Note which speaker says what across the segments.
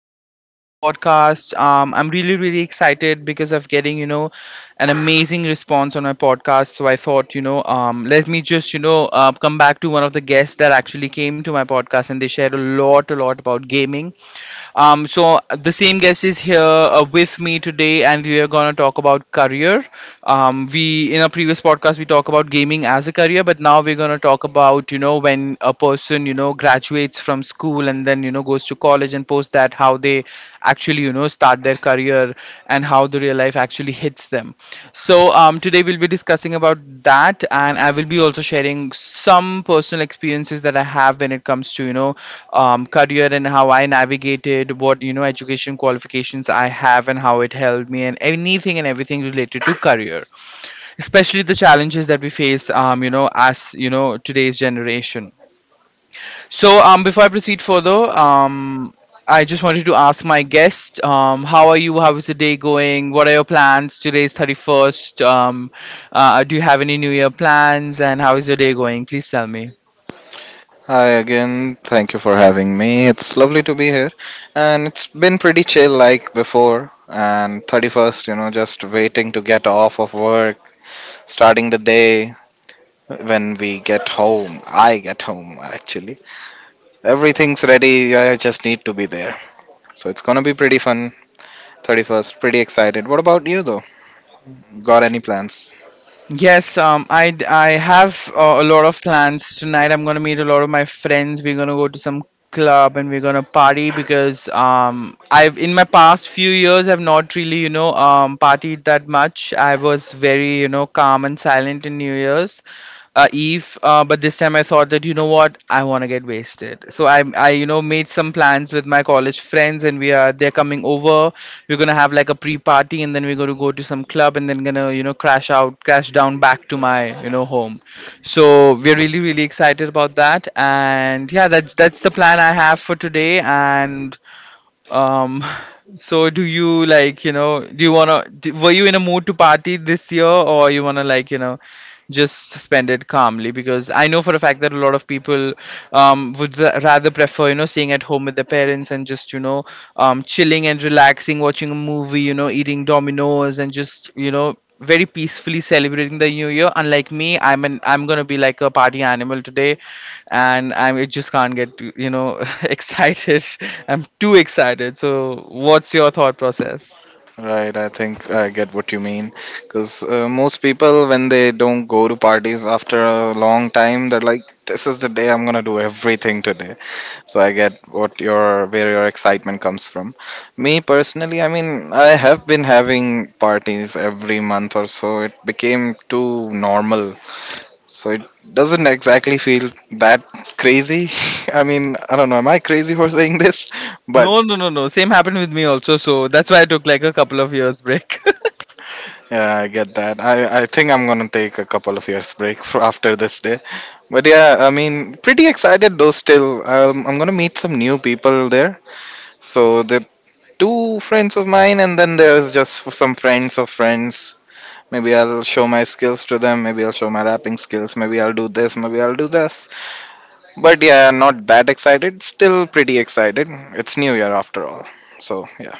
Speaker 1: welcome to my another podcast. I'm really excited because of getting an amazing response on my podcast. So I thought let me just come back to one of the guests that actually came to my podcast, and they shared a lot about gaming. So the same guest is here with me today, and we are gonna talk about career. We in our previous podcast we talk about gaming as a career, but now we're gonna talk about when a person graduates from school, and then goes to college, and post that how they actually start their career and how the real life actually hits them. So today we'll be discussing about that, and I will be also sharing some personal experiences that I have when it comes to career and how I navigated what education qualifications I have and how it helped me and anything and everything related to career, especially the challenges that we face as you know today's generation. So, before I proceed further, I just wanted to ask my guest, how are you? How is the day going? What are your plans? Today's 31st. Do you have any New Year plans? And how is your day going? Please tell me.
Speaker 2: Hi again. Thank you for having me. It's lovely to be here. And it's been pretty chill like before. And 31st, you know, just waiting to get off of work, starting the day when we get home. I get home actually. Everything's ready. I just need to be there. So it's going to be pretty fun. 31st, pretty excited. What about you though? Got any plans?
Speaker 1: Yes, I have a lot of plans tonight. I'm gonna meet a lot of my friends. We're gonna go to some club, and we're gonna party because I've, in my past few years, I've not really partied that much. I was very calm and silent in New Year's Eve, but this time I thought that you know what, I want to get wasted. So I made some plans with my college friends, and we are they're coming over. We're gonna have like a pre-party, and then we're gonna go to some club, and then gonna crash down back to my home. So we're really excited about that, and yeah, that's the plan I have for today. And um, so do you wanna do, were you in a mood to party this year, or you wanna? Just spend it calmly because I know for a fact that a lot of people would rather prefer, you know, staying at home with their parents and just, chilling and relaxing, watching a movie, eating Dominoes, and just, very peacefully celebrating the new year. Unlike me, I'm gonna be like a party animal today, and I'm It just can't get excited. I'm too excited. So, what's your thought process?
Speaker 2: Right, I think I get what you mean. Because most people, when they don't go to parties after a long time, they're like, "This is the day I'm gonna do everything today." So I get what your where your excitement comes from. Me personally, I mean, I have been having parties every month or so. It became too normal, so it doesn't exactly feel that crazy. I mean, I don't know. Am I crazy for saying this? But
Speaker 1: No, no, no, no. Same happened with me also. So that's why I took like a couple of years break.
Speaker 2: yeah, I get that. I think I'm gonna take a couple of years break for after this day. But yeah, I mean, pretty excited though. Still, I'm gonna meet some new people there. So the two friends of mine, and then there's just some friends of friends. Maybe I'll show my skills to them. Maybe I'll show my rapping skills. Maybe I'll do this. Maybe I'll do this. But yeah, not that excited. Still pretty excited. It's New Year after all. So yeah,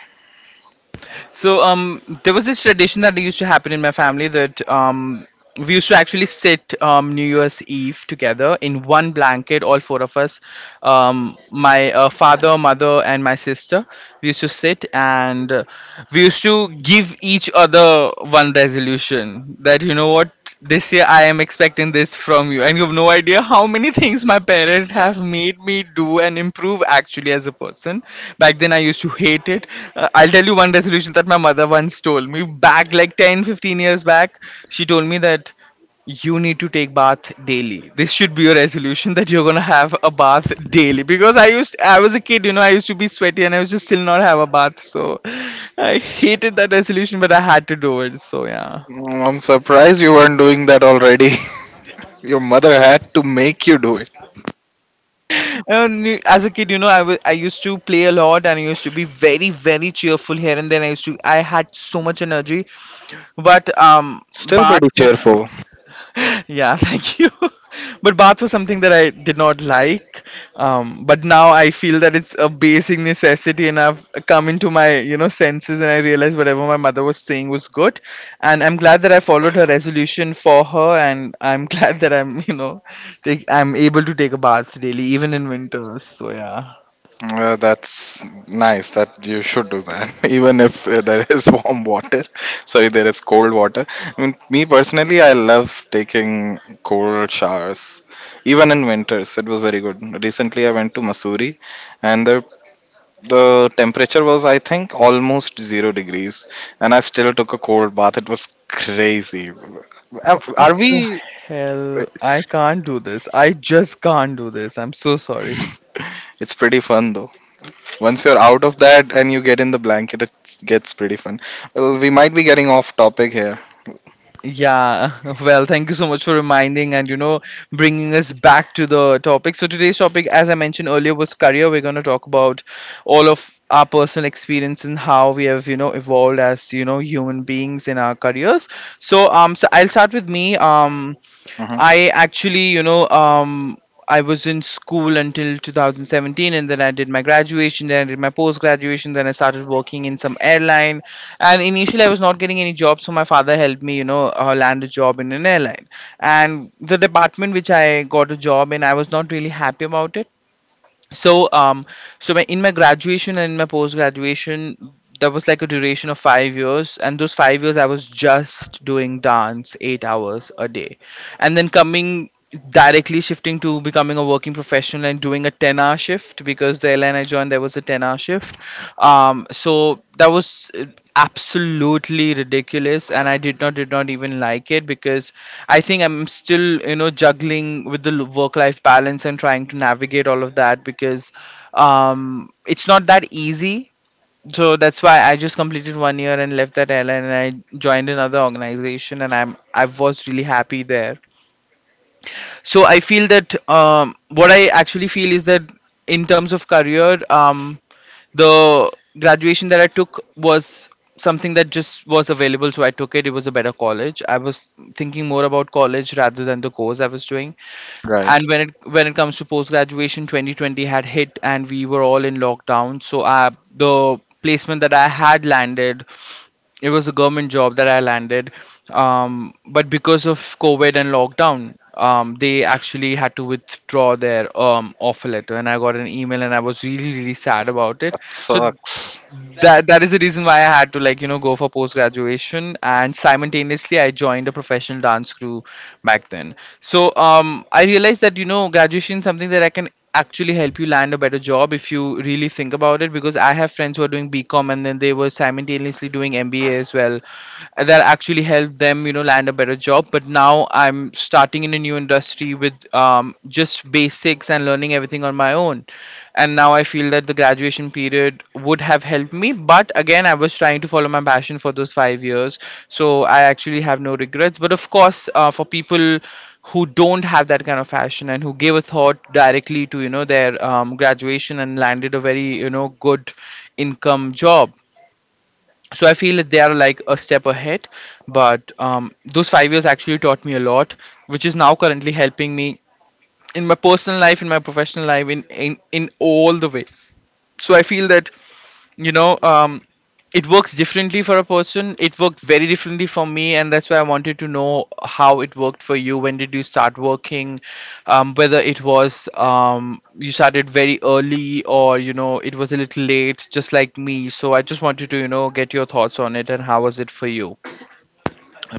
Speaker 1: So there was this tradition that used to happen in my family that we used to actually sit New Year's Eve together in one blanket, all four of us, my father, mother, and my sister. We used to sit, and we used to give each other one resolution that, you know what, this year I am expecting this from you, and you have no idea how many things my parents have made me do and improve actually as a person. Back then, I used to hate it. I'll tell you one resolution that my mother once told me back like 10-15 years back. She told me that you need to take bath daily. This should be your resolution, that you're gonna have a bath daily, because I was a kid. I used to be sweaty, and I was just still not have a bath, so I hated that resolution, but I had to do it, so yeah.
Speaker 2: mm, I'm surprised you weren't doing that already. Your mother had to make you do.
Speaker 1: As a kid, you know, I used to play a lot, and I used to be very, very cheerful here and then. I had so much energy, but
Speaker 2: Still
Speaker 1: bath
Speaker 2: pretty
Speaker 1: was
Speaker 2: cheerful.
Speaker 1: yeah, thank you. But bath was something that I did not like. But now I feel that it's a basic necessity, and I've come into my senses, and I realized whatever my mother was saying was good, and I'm glad that I followed her resolution for her, and I'm glad that I'm you know take I'm able to take a bath daily, even in winters, so yeah.
Speaker 2: That's nice that you should do that, even if there is warm water. Sorry, there is cold water. I mean, me personally, I love taking cold showers, even in winters. It was very good. Recently, I went to Missouri, and the temperature was, I think, almost 0 degrees, and I still took a cold bath. It was crazy. Am-
Speaker 1: What
Speaker 2: Are
Speaker 1: the
Speaker 2: we?
Speaker 1: hell, I can't do this. I just can't do this, I'm so sorry.
Speaker 2: It's pretty fun though. Once you're out of that and you get in the blanket, it gets pretty fun. Well, we might be getting off topic here.
Speaker 1: Yeah, well, thank you so much for reminding and bringing us back to the topic. So today's topic, as I mentioned earlier, was career. We're going to talk about all of our personal experience and how we have evolved as human beings in our careers. So so I'll start with me.
Speaker 2: Hmm.
Speaker 1: I actually, you know, I was in school until 2017, and then I did my graduation, then I did my post graduation, then I started working in some airline. And initially, I was not getting any jobs, so my father helped me, you know, land a job in an airline. And the department which I got a job in, I was not really happy about it. So um so my, in my graduation and in my post graduation, there was like a duration of 5 years, and those 5 years I was just doing dance 8 hours a day, and then coming directly shifting to becoming a working professional and doing a 10-hour shift, because the airline I joined, and there was a 10-hour shift. So that was absolutely ridiculous, and I did not even like it, because I think I'm still juggling with the work life balance and trying to navigate all of that, because it's not that easy. So that's why I just completed one year and left that airline, and I joined another organization, and I was really happy there. So I feel that what I actually feel is that, in terms of career, the graduation that I took was something that just was available, so I took it. It was a better college. I was thinking more about college rather than the course I was doing.
Speaker 2: Right.
Speaker 1: And when it comes to post graduation, 2020 had hit, and we were all in lockdown. So the placement that I had landed, it was a government job that I landed, but because of COVID and lockdown, they actually had to withdraw their offer letter, and I got an email, and I was really really sad about it.
Speaker 2: That
Speaker 1: So
Speaker 2: sucks.
Speaker 1: that is the reason why I had to like, you know, go for post graduation, and simultaneously I joined a professional dance crew back then. So I realized that, you know, graduation is something that I can actually help you land a better job, if you really think about it, because I have friends who are doing BCom, and then they were simultaneously doing MBA as well. And that actually helped them land a better job. But now I'm starting in a new industry with just basics and learning everything on my own. And now I feel that the graduation period would have helped me. But again, I was trying to follow my passion for those 5 years. So I actually have no regrets. But of course, for people who don't have that kind of passion and who gave a thought directly to their graduation and landed a very good income job, so I feel that they are like a step ahead. But those 5 years actually taught me a lot, which is now currently helping me in my personal life, in my professional life, in all the ways. So I feel that you know um, it works differently for a person. It worked very differently for me, and that's why I wanted to know how it worked for you. When did you start working? Whether it was you started very early, or it was a little late just like me. So I just wanted to get your thoughts on it and how was it for you.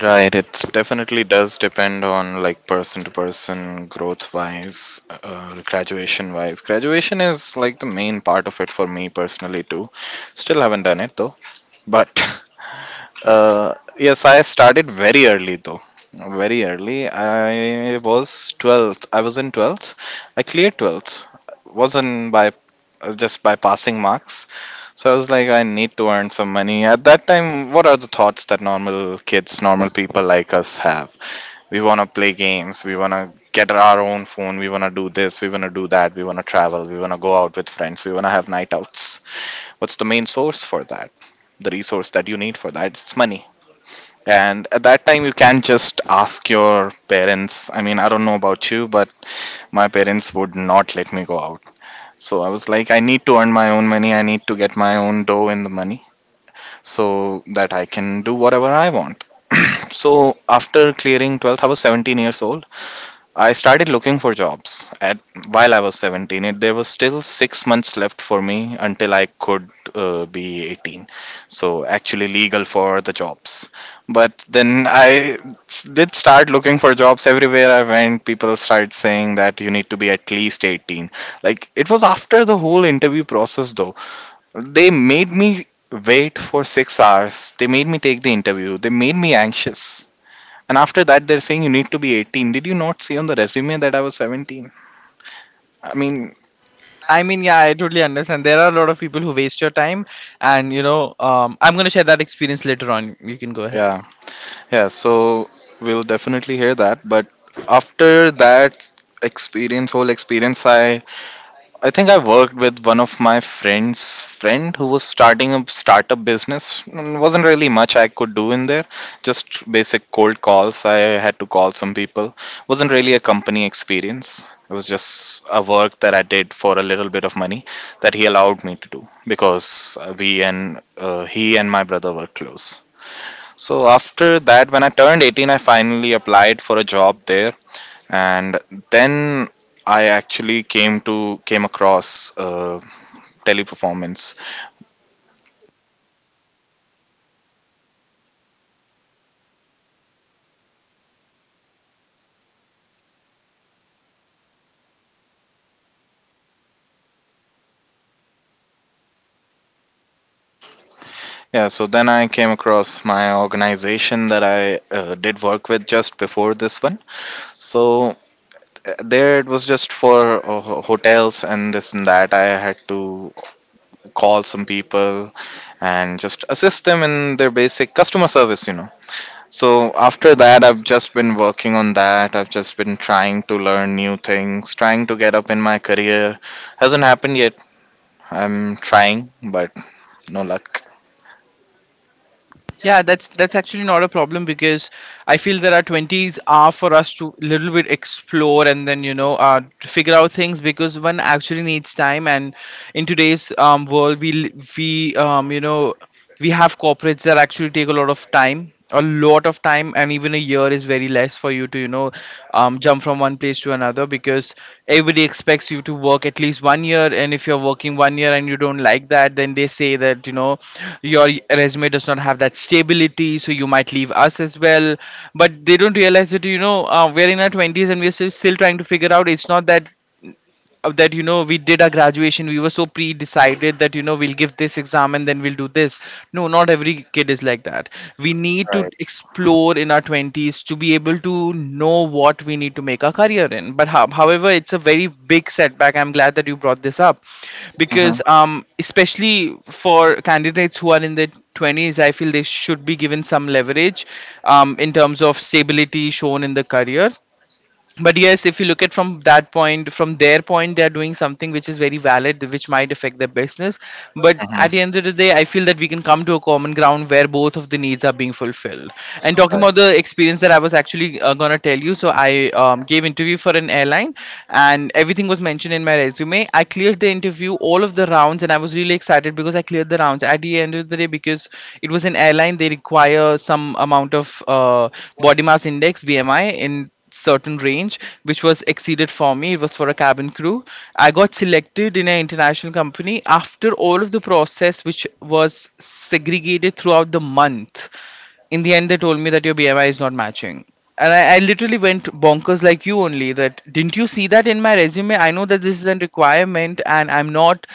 Speaker 2: Right, it definitely does depend on like person to person, growth wise, graduation wise. Graduation is like the main part of it for me personally too. Still haven't done it though, but yes, I started very early though. Very early. I was 12th. I was in 12th. I cleared 12th. Wasn't by just by passing marks. So I was like, I need to earn some money. At that time, what are the thoughts that normal kids, normal people like us have? We want to play games. We want to get our own phone. We want to do this. We want to do that. We want to travel. We want to go out with friends. We want to have night outs. What's the main source for that? The resource that you need for that? It's money, and at that time, you can just ask your parents. I mean, I don't know about you, but my parents would not let me go out. So I was like, I need to earn my own money. I need to get my own dough in the money so that I can do whatever I want. So after clearing 12th, I was 17 years old. I started looking for jobs at while I was 17. There was still 6 months left for me until I could be 18, so actually legal for the jobs. But then did start looking for jobs everywhere I went. People started saying that you need to be at least 18. Like it was after the whole interview process, though. They made me wait for 6 hours. They made me take the interview. They made me anxious. And after that, they're saying you need to be 18. Did you not see on the resume that I was 17? I mean,
Speaker 1: I mean, yeah, I totally understand. There are a lot of people who waste your time, and you know, I'm gonna share that experience later on. You can go ahead.
Speaker 2: yeah, yeah. So we'll definitely hear that. But after that experience, whole experience, I think I worked with one of my friends' friend who was starting a startup business. Mm, wasn't really much I could do in there, just basic cold calls. I had to call some people. Wasn't really a company experience. It was just a work that I did for a little bit of money that he allowed me to do because we and he and my brother were close. So after that, when I turned 18, I finally applied for a job there, and then I actually came to came across teleperformance. Yeah, so then I came across my organization that I did work with just before this one. So there it was just for hotels and this and that. I had to call some people and just assist them in their basic customer service, you know. So after that, I've just been working on that. I've just been trying to learn new things, trying to get up in my career. Hasn't happened yet. I'm trying, but no luck.
Speaker 1: Yeah, that's actually not a problem, because I feel that our twenties are for us to little bit explore, and then to figure out things, because one actually needs time. And in today's world, we li- we you know we have corporates that actually take a lot of time, a lot of time. And even a year is very less for you to jump from one place to another, because everybody expects you to work at least 1 year. And if you're working 1 year and you don't like that, then they say that your resume does not have that stability, so you might leave us as well. But they don't realize that we're in our 20s and we're still trying to figure out. It's not that we did our graduation, we were so pre-decided that we'll give this exam and then we'll do this. No, not every kid is like that. We need to
Speaker 2: Right.
Speaker 1: explore in our 20s to be able to know what we need to make our career in. But however, it's a very big setback. I'm glad that you brought this up,
Speaker 2: Mm-hmm.
Speaker 1: because especially for candidates who are in their 20s, I feel they should be given some leverage in terms of stability shown in the career. But yes, if you look at from that point, from their point, they're doing something which is very valid, which might affect their business. But
Speaker 2: Mm-hmm.
Speaker 1: at the end of the day, I feel that we can come to a common ground where both of the needs are being fulfilled. And talking
Speaker 2: Right.
Speaker 1: about the experience that I was actually going to tell you, so I gave interview for an airline. And everything was mentioned in my resume. I cleared the interview, all of the rounds, and I was really excited because I cleared the rounds at the end of the day, because it was an airline. They require some amount of body mass index, BMI in certain range, which was exceeded for me. It was for a cabin crew. I got selected in an international company after all of the process, which was segregated throughout the month. In the end, they told me that your BMI is not matching. And I literally went bonkers, like, you only, that didn't you see that in my resume? I know that this is a requirement, and I'm not.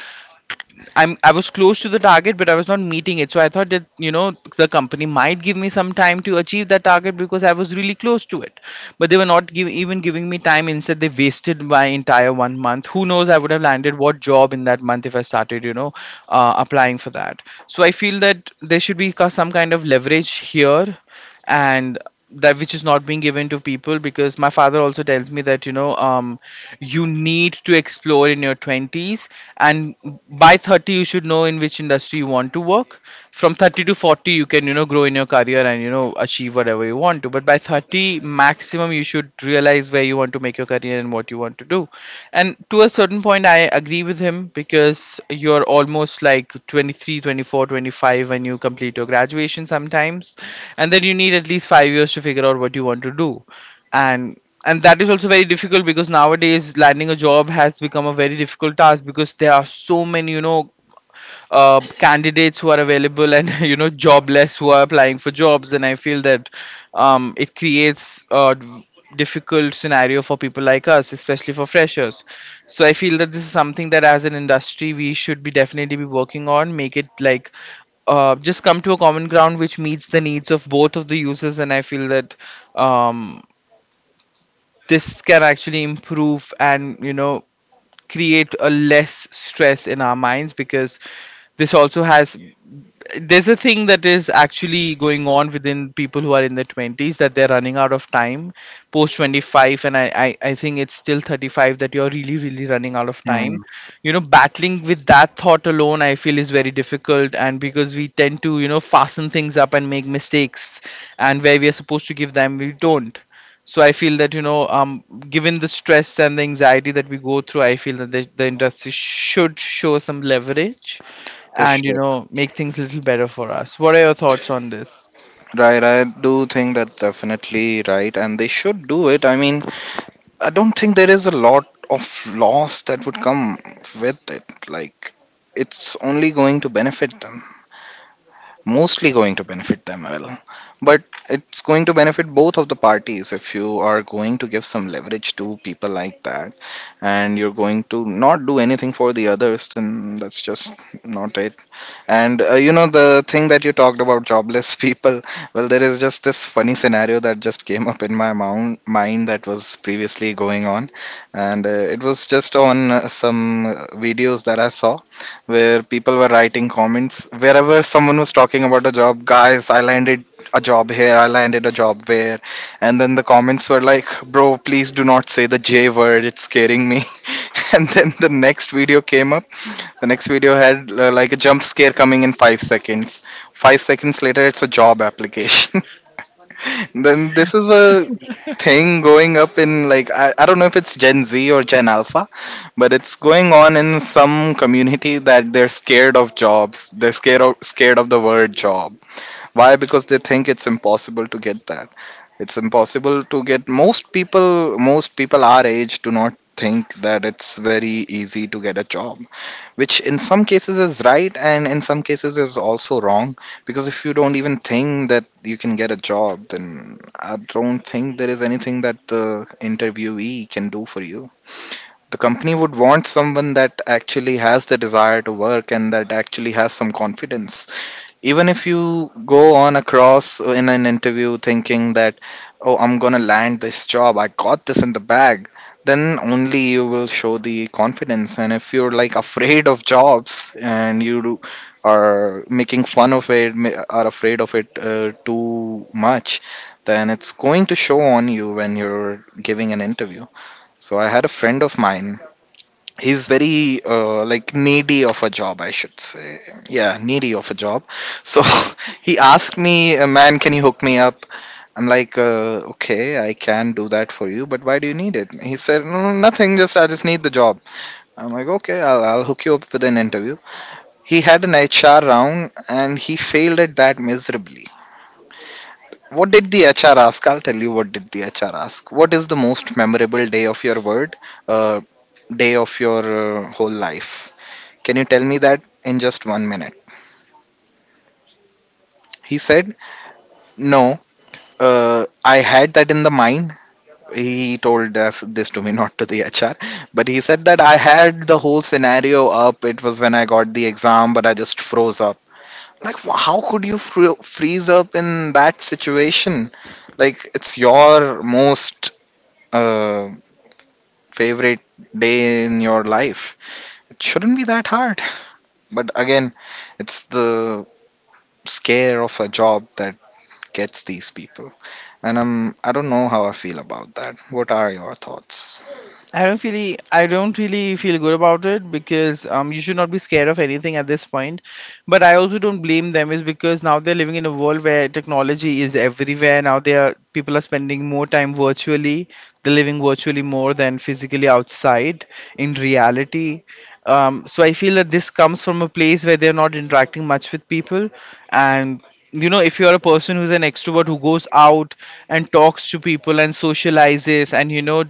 Speaker 1: I was close to the target, but I was not meeting it. So I thought that the company might give me some time to achieve that target, because I was really close to it. But they were not even giving me time. Instead, they wasted my entire 1 month. Who knows? I would have landed what job in that month, if I started applying for that. So I feel that there should be some kind of leverage here, and that, which is not being given to people, because my father also tells me that you need to explore in your 20s, and by 30 you should know in which industry you want to work. From 30 to 40 you can grow in your career and achieve whatever you want to, but by 30 maximum you should realize where you want to make your career and what you want to do. And to a certain point I agree with him, because you're almost like 23 24 25 when you complete your graduation sometimes. And then you need at least 5 years to figure out what you want to do. And and that is also very difficult, because nowadays landing a job has become a very difficult task, because there are so many candidates who are available and jobless, who are applying for jobs. And I feel that it creates a difficult scenario for people like us, especially for freshers. So I feel that this is something that as an industry we should be definitely be working on. Make it like just come to a common ground which meets the needs of both of the users. And I feel that um, this can actually improve and create a less stress in our minds, because this also has, there's a thing that is actually going on within people who are in their 20s, that they're running out of time post 25. And I think it's still 35 that you're really really running out of time.
Speaker 2: Hmm,
Speaker 1: Battling with that thought alone, I feel is very difficult. And because we tend to fasten things up and make mistakes, and where we are supposed to give them, we don't. So I feel that given the stress and the anxiety that we go through, I feel that the industry should show some leverage
Speaker 2: they
Speaker 1: and
Speaker 2: should.
Speaker 1: make things a little better for us. What are your thoughts on this?
Speaker 2: Right, I do think that's definitely right, and they should do it. I mean, I don't think there is a lot of loss that would come with it. Like, it's only going to benefit them. Mostly going to benefit them, well, but it's going to benefit both of the parties. If you are going to give some leverage to people like that and you're going to not do anything for the others, then that's just not it. And you know, the thing that you talked about jobless people, well, there is just this funny scenario that just came up in my mind that was previously going on. And it was just on some videos that I saw where people were writing comments wherever someone was talking about a job, guys, I landed a job here, I landed a job there. And then the comments were like, bro, please do not say the J word, it's scaring me. And then the next video came up. The next video had like a jump scare coming in 5 seconds. 5 seconds later, it's a job application. Then this is a thing going up in like, I don't know if it's Gen Z or Gen Alpha, but it's going on in some community that they're scared of jobs. They're scared of, scared of the word job. Why? Because they think it's impossible to get that. It's impossible to get, most people our age do not think that it's very easy to get a job, which in some cases is right and in some cases is also wrong. Because if you don't even think that you can get a job, then I don't think there is anything that the interviewee can do for you. The company would want someone that actually has the desire to work and that actually has some confidence. Even if you go on across in an interview thinking that, oh, I'm going to land this job, I got this in the bag, then only you will show the confidence. And if you're like afraid of jobs and are making fun of it, are afraid of it too much, then it's going to show on you when you're giving an interview. So I had a friend of mine. He's very like needy of a job, I should say. Yeah, needy of a job. So he asked me, man, can you hook me up? I'm like, okay, I can do that for you, but why do you need it? He said, no, no, nothing, just I just need the job. I'm like, okay, I'll hook you up with an interview. He had an HR round and he failed at that miserably. What did the HR ask? I'll tell you what did the HR ask. What is the most memorable day of your word, uh, day of your whole life? Can you tell me that in just 1 minute? He said, no, I had that in the mind. He told us this to me, not to the HR. But he said that I had the whole scenario up. It was when I got the exam, but I just froze up. Like, how could you freeze up in that situation? Like, it's your most uh, favorite day in your life. It shouldn't be that hard. But again, it's the scare of a job that gets these people. And I don't know how I feel about that. What are your thoughts?
Speaker 1: I don't really feel good about it, because you should not be scared of anything at this point. But I also don't blame them, is because now they're living in a world where technology is everywhere. Now they are people are spending more time virtually. They're living virtually more than physically outside in reality. So I feel that this comes from a place where they're not interacting much with people, and if you're a person who's an extrovert who goes out and talks to people and socializes, and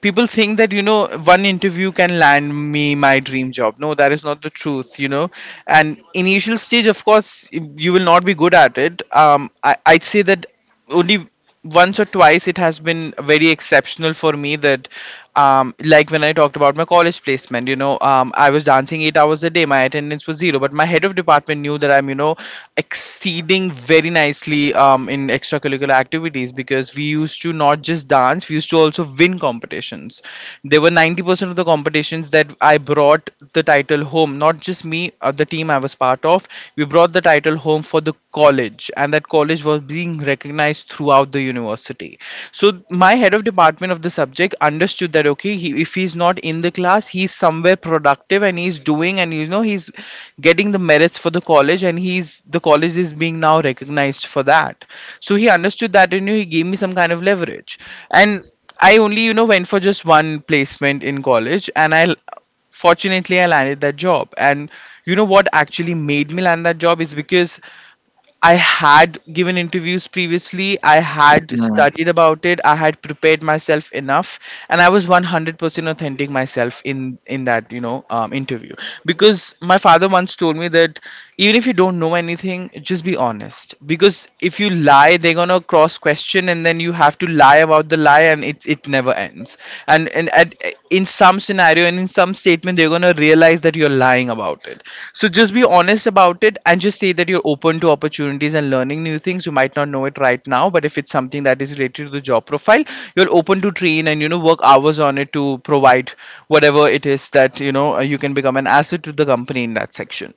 Speaker 1: people think that one interview can land me my dream job. No, that is not the truth, and initial stage of course you will not be good at it. I'd say that only once or twice it has been very exceptional for me, that like when I talked about my college placement, I was dancing 8 hours a day, my attendance was zero, but my head of department knew that I'm exceeding very nicely in extracurricular activities, because we used to not just dance, we used to also win competitions. There were 90% of the competitions that I brought the title home, not just me, the team I was part of. We brought the title home for the college, and that college was being recognized throughout the university. So my head of department of the subject understood that, said okay, if he's not in the class, he's somewhere productive and he's doing and he's getting the merits for the college, and he's the college is being now recognized for that. So he understood that, and he gave me some kind of leverage. And I only went for just one placement in college, and I fortunately I landed that job. And you know what actually made me land that job is because I had given interviews previously. I had
Speaker 2: Mm.
Speaker 1: studied about it. I had prepared myself enough, and I was 100% authentic myself in that interview. Because my father once told me that even if you don't know anything, just be honest. Because if you lie, they're gonna cross question, and then you have to lie about the lie, and it never ends sense. And in some scenario and in some statement they're going to realize that you're lying about it. So just be honest about it, and just say that you're open to opportunities and learning new things. You might not know it right now, but if it's something that is related to the job profile, you're open to train and work hours on it to provide whatever it is that you can become an asset to the company in that section.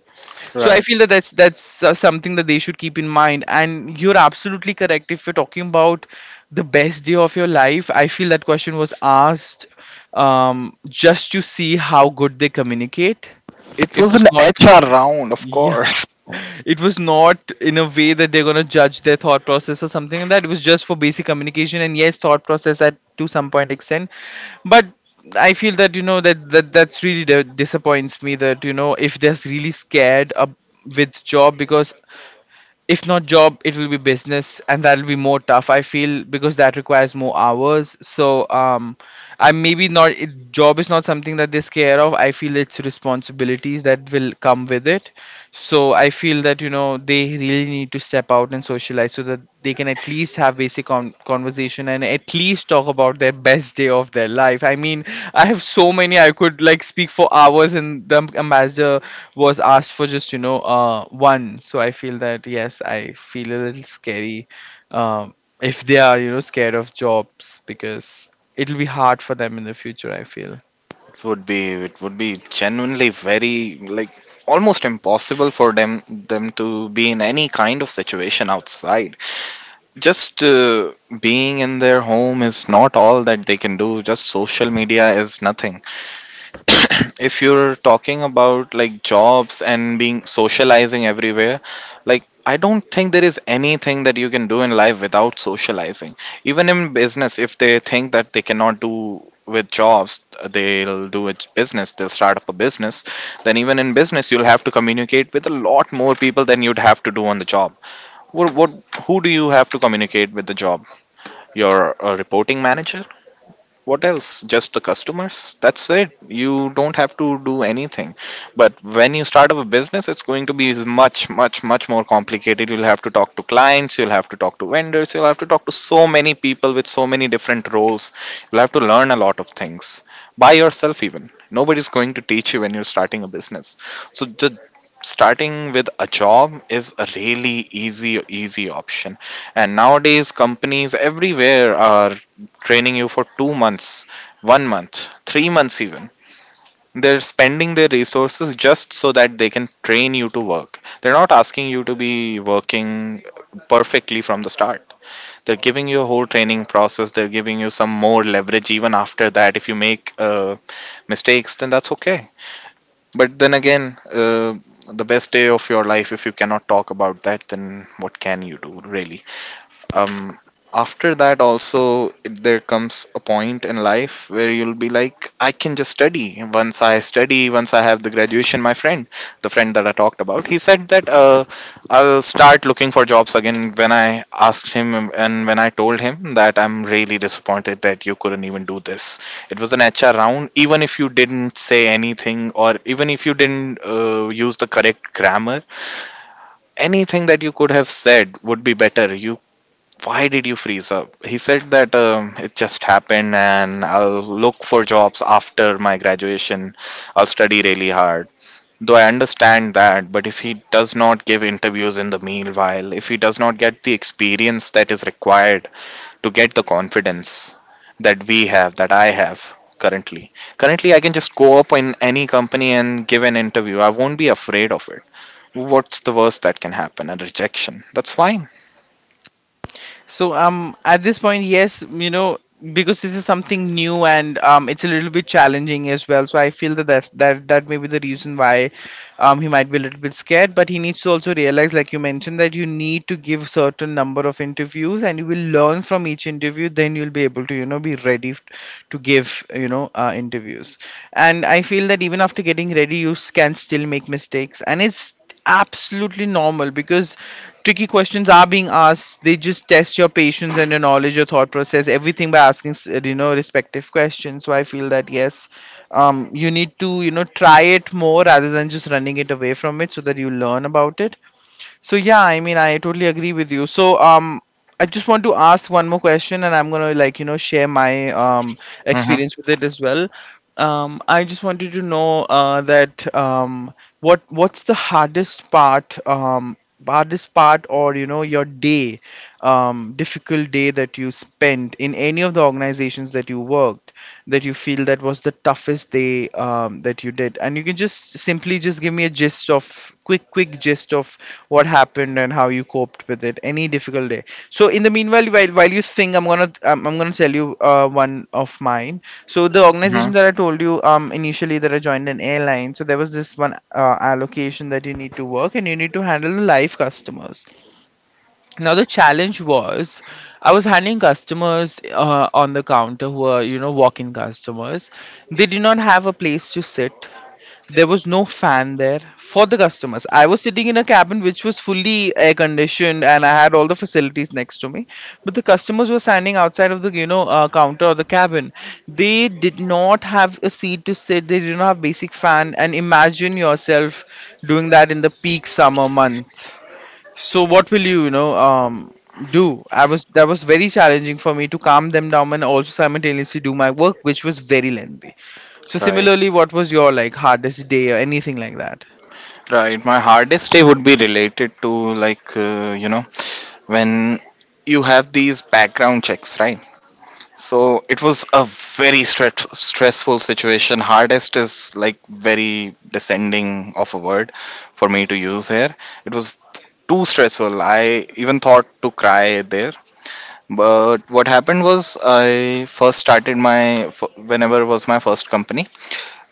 Speaker 1: So I
Speaker 2: Right.
Speaker 1: feel that that's something that they should keep in mind. And you're absolutely correct. If you're talking about the best day of your life, I feel that question was asked just to see how good they communicate.
Speaker 2: It
Speaker 1: It
Speaker 2: was an
Speaker 1: was not.
Speaker 2: HR round, of
Speaker 1: Yeah,
Speaker 2: course.
Speaker 1: it was not in a way that they're going to judge their thought process or something like that. It was just for basic communication and yes, thought process at to some point extent. But I feel that that's really disappoints me that if they're really scared with job. Because if not job, it will be business, and that'll be more tough, I feel, because that requires more hours. So I maybe not it, job is not something that they scare of, I feel. It's responsibilities that will come with it. So I feel that they really need to step out and socialize so that they can at least have basic conversation and at least talk about their best day of their life. I mean, I have so many, I could like speak for hours, and the ambassador was asked for just one. So I feel that yes, I feel a little scary. um, if they are scared of jobs, because it'll be hard for them in the future, I feel.
Speaker 2: It would be, it would be genuinely very like almost impossible for them to be in any kind of situation outside. Just being in their home is not all that they can do. Just social media is nothing. If you're talking about like jobs and being socializing everywhere, like I don't think there is anything that you can do in life without socializing. Even in business, if they think that they cannot do with jobs, they'll do it business, they'll start up a business. Then even in business, you'll have to communicate with a lot more people than you'd have to do on the job. What? Who do you have to communicate with the job? Your reporting manager. What else? Just the customers. That's it. You don't have to do anything. But when you start up a business, it's going to be much more complicated. You'll have to talk to clients, you'll have to talk to vendors, you'll have to talk to so many people with so many different roles. You'll have to learn a lot of things by yourself even. Nobody's going to teach you when you're starting a business. So the starting with a job is a really easy option. And nowadays companies everywhere are training you for 2 months, 1 month, 3 months even. They're spending their resources just so that they can train you to work. They're not asking you to be working perfectly from the start. They're giving you a whole training process. They're giving you some more leverage even after that. If you make mistakes, then that's okay. But then again, the best day of your life, if you cannot talk about that, then what can you do, really? um After that also, there comes a point in life where you'll be like I can just study. Once I study, once I have the graduation, my friend, the friend that I talked about, he said that, I'll start looking for jobs again, when I asked him and when I told him that I'm really disappointed that you couldn't even do this. It was an HR round. Even if you didn't say anything, or even if you didn't use the correct grammar, anything that you could have said would be better. You, why did you freeze up? He said that, it just happened, and I'll look for jobs after my graduation, I'll study really hard. Though I understand that, but if he does not give interviews in the meanwhile, if he does not get the experience that is required to get the confidence that we have, that I have currently. Currently I can just go up in any company and give an interview. I won't be afraid of it. What's the worst that can happen? A rejection, that's fine.
Speaker 1: So at this point, yes, you know, because this is something new and it's a little bit challenging as well. So I feel that that may be the reason why he might be a little bit scared. But he needs to also realize, like you mentioned, that you need to give certain number of interviews, and you will learn from each interview. Then you'll be able to be ready to give interviews. And I feel that even after getting ready, you can still make mistakes, and it's absolutely normal because tricky questions are being asked. They just test your patience and your knowledge, your thought process, everything, by asking you know respective questions. So I feel that yes, you need to you know try it more rather than just running it away from it, so that you learn about it. So yeah, I mean, I totally agree with you. So I just want to ask one more question, and I'm gonna like you know share my
Speaker 2: Hmm.
Speaker 1: experience with it as well. I just wanted to know that what's the hardest part, or you know your day, difficult day that you spent in any of the organizations that you worked, that you feel that was the toughest day, that you did. And you can just simply just give me a gist, of quick gist of what happened and how you coped with it, any difficult day. So in the meanwhile, while you think, I'm gonna tell you one of mine. So the
Speaker 2: Hmm.
Speaker 1: organization that I told you initially, that I joined an airline, so there was this one allocation that you need to work and you need to handle the live customers. Now the challenge was, I was handling customers on the counter, who are you know walk-in customers. They did not have a place to sit, there was no fan there for the customers. I was sitting in a cabin which was fully air conditioned, and I had all the facilities next to me. But the customers were standing outside of the counter or the cabin. They did not have a seat to sit, they did not have basic fan. And imagine yourself doing that in the peak summer month. So what will you you know do I was that was very challenging for me to calm them down and also simultaneously do my work, which was very lengthy. So
Speaker 2: Right.
Speaker 1: similarly, what was your like hardest day or anything like that?
Speaker 2: Right. My hardest day would be related to, like, you know, when you have these background checks, right? So it was a very stressful situation. Hardest is like very descending of a word for me to use here. It was too stressful. I even thought to cry there. But what happened was, I first started my whenever was my first company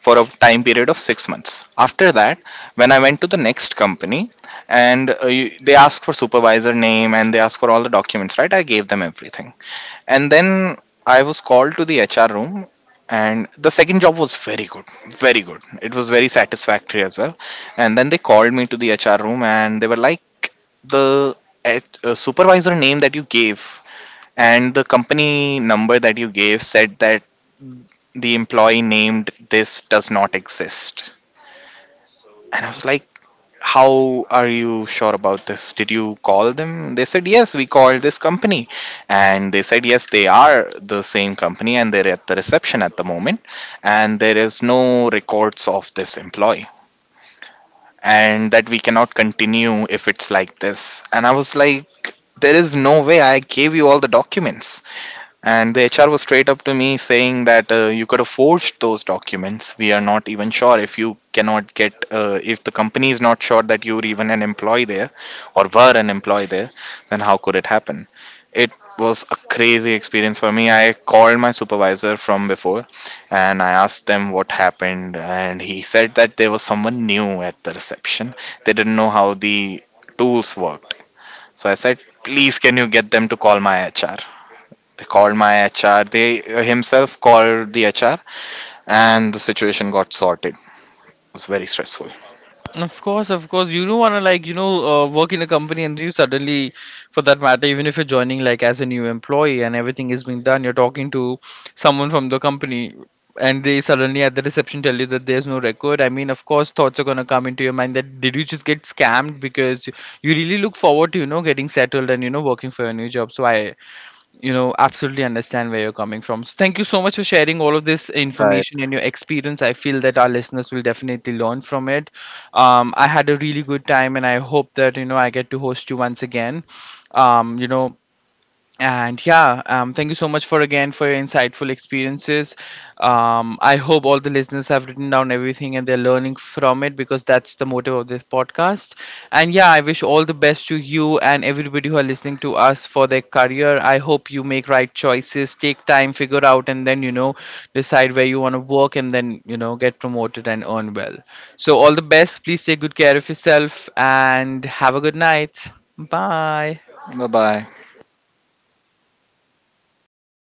Speaker 2: for a time period of 6 months. After that, when I went to the next company and they asked for supervisor name and they asked for all the documents, right? I gave them everything. And then I was called to the HR room, and the second job was very good, it was very satisfactory as well. And then they called me to the HR room, and they were like, the supervisor name that you gave and the company number that you gave said that the employee named this does not exist. And I was like, how are you sure about this? Did you call them? They said, yes, we called this company. And they said, yes, they are the same company and they're at the reception at the moment. And there is no records of this employee. And that we cannot continue if it's like this. And I was like, there is no way, I gave you all the documents. And the HR was straight up to me saying that, you could have forged those documents. We are not even sure if you cannot get, if the company is not sure that you're even an employee there or were an employee there, then how could it happen? It was a crazy experience for me. I called my supervisor from before and I asked them what happened. And he said that there was someone new at the reception. They didn't know how the tools worked. So I said, please, can you get them to call my HR? They called my HR. They, himself called the HR, and the situation got sorted. It was very stressful.
Speaker 1: Of course, of course. You don't want to like work in a company and you suddenly, for that matter, even if you're joining like as a new employee and everything is being done, you're talking to someone from the company and they suddenly at the reception tell you that there's no record. I mean, of course, thoughts are gonna come into your mind that did you just get scammed, because you really look forward to you know getting settled and you know working for your new job. So I you know absolutely understand where you're coming from. So thank you so much for sharing all of this
Speaker 2: Right.
Speaker 1: information and your experience. I feel that our listeners will definitely learn from it. I had a really good time and I hope that you know I get to host you once again. um, you know and yeah, thank you so much for again for your insightful experiences. I hope all the listeners have written down everything and they're learning from it, because that's the motive of this podcast. And yeah, I wish all the best to you and everybody who are listening to us for their career. I hope you make right choices, take time, figure out, and then you know decide where you want to work and then you know get promoted and earn well. So all the best. Please take good care of yourself and have a good night. Bye.
Speaker 2: Bye bye.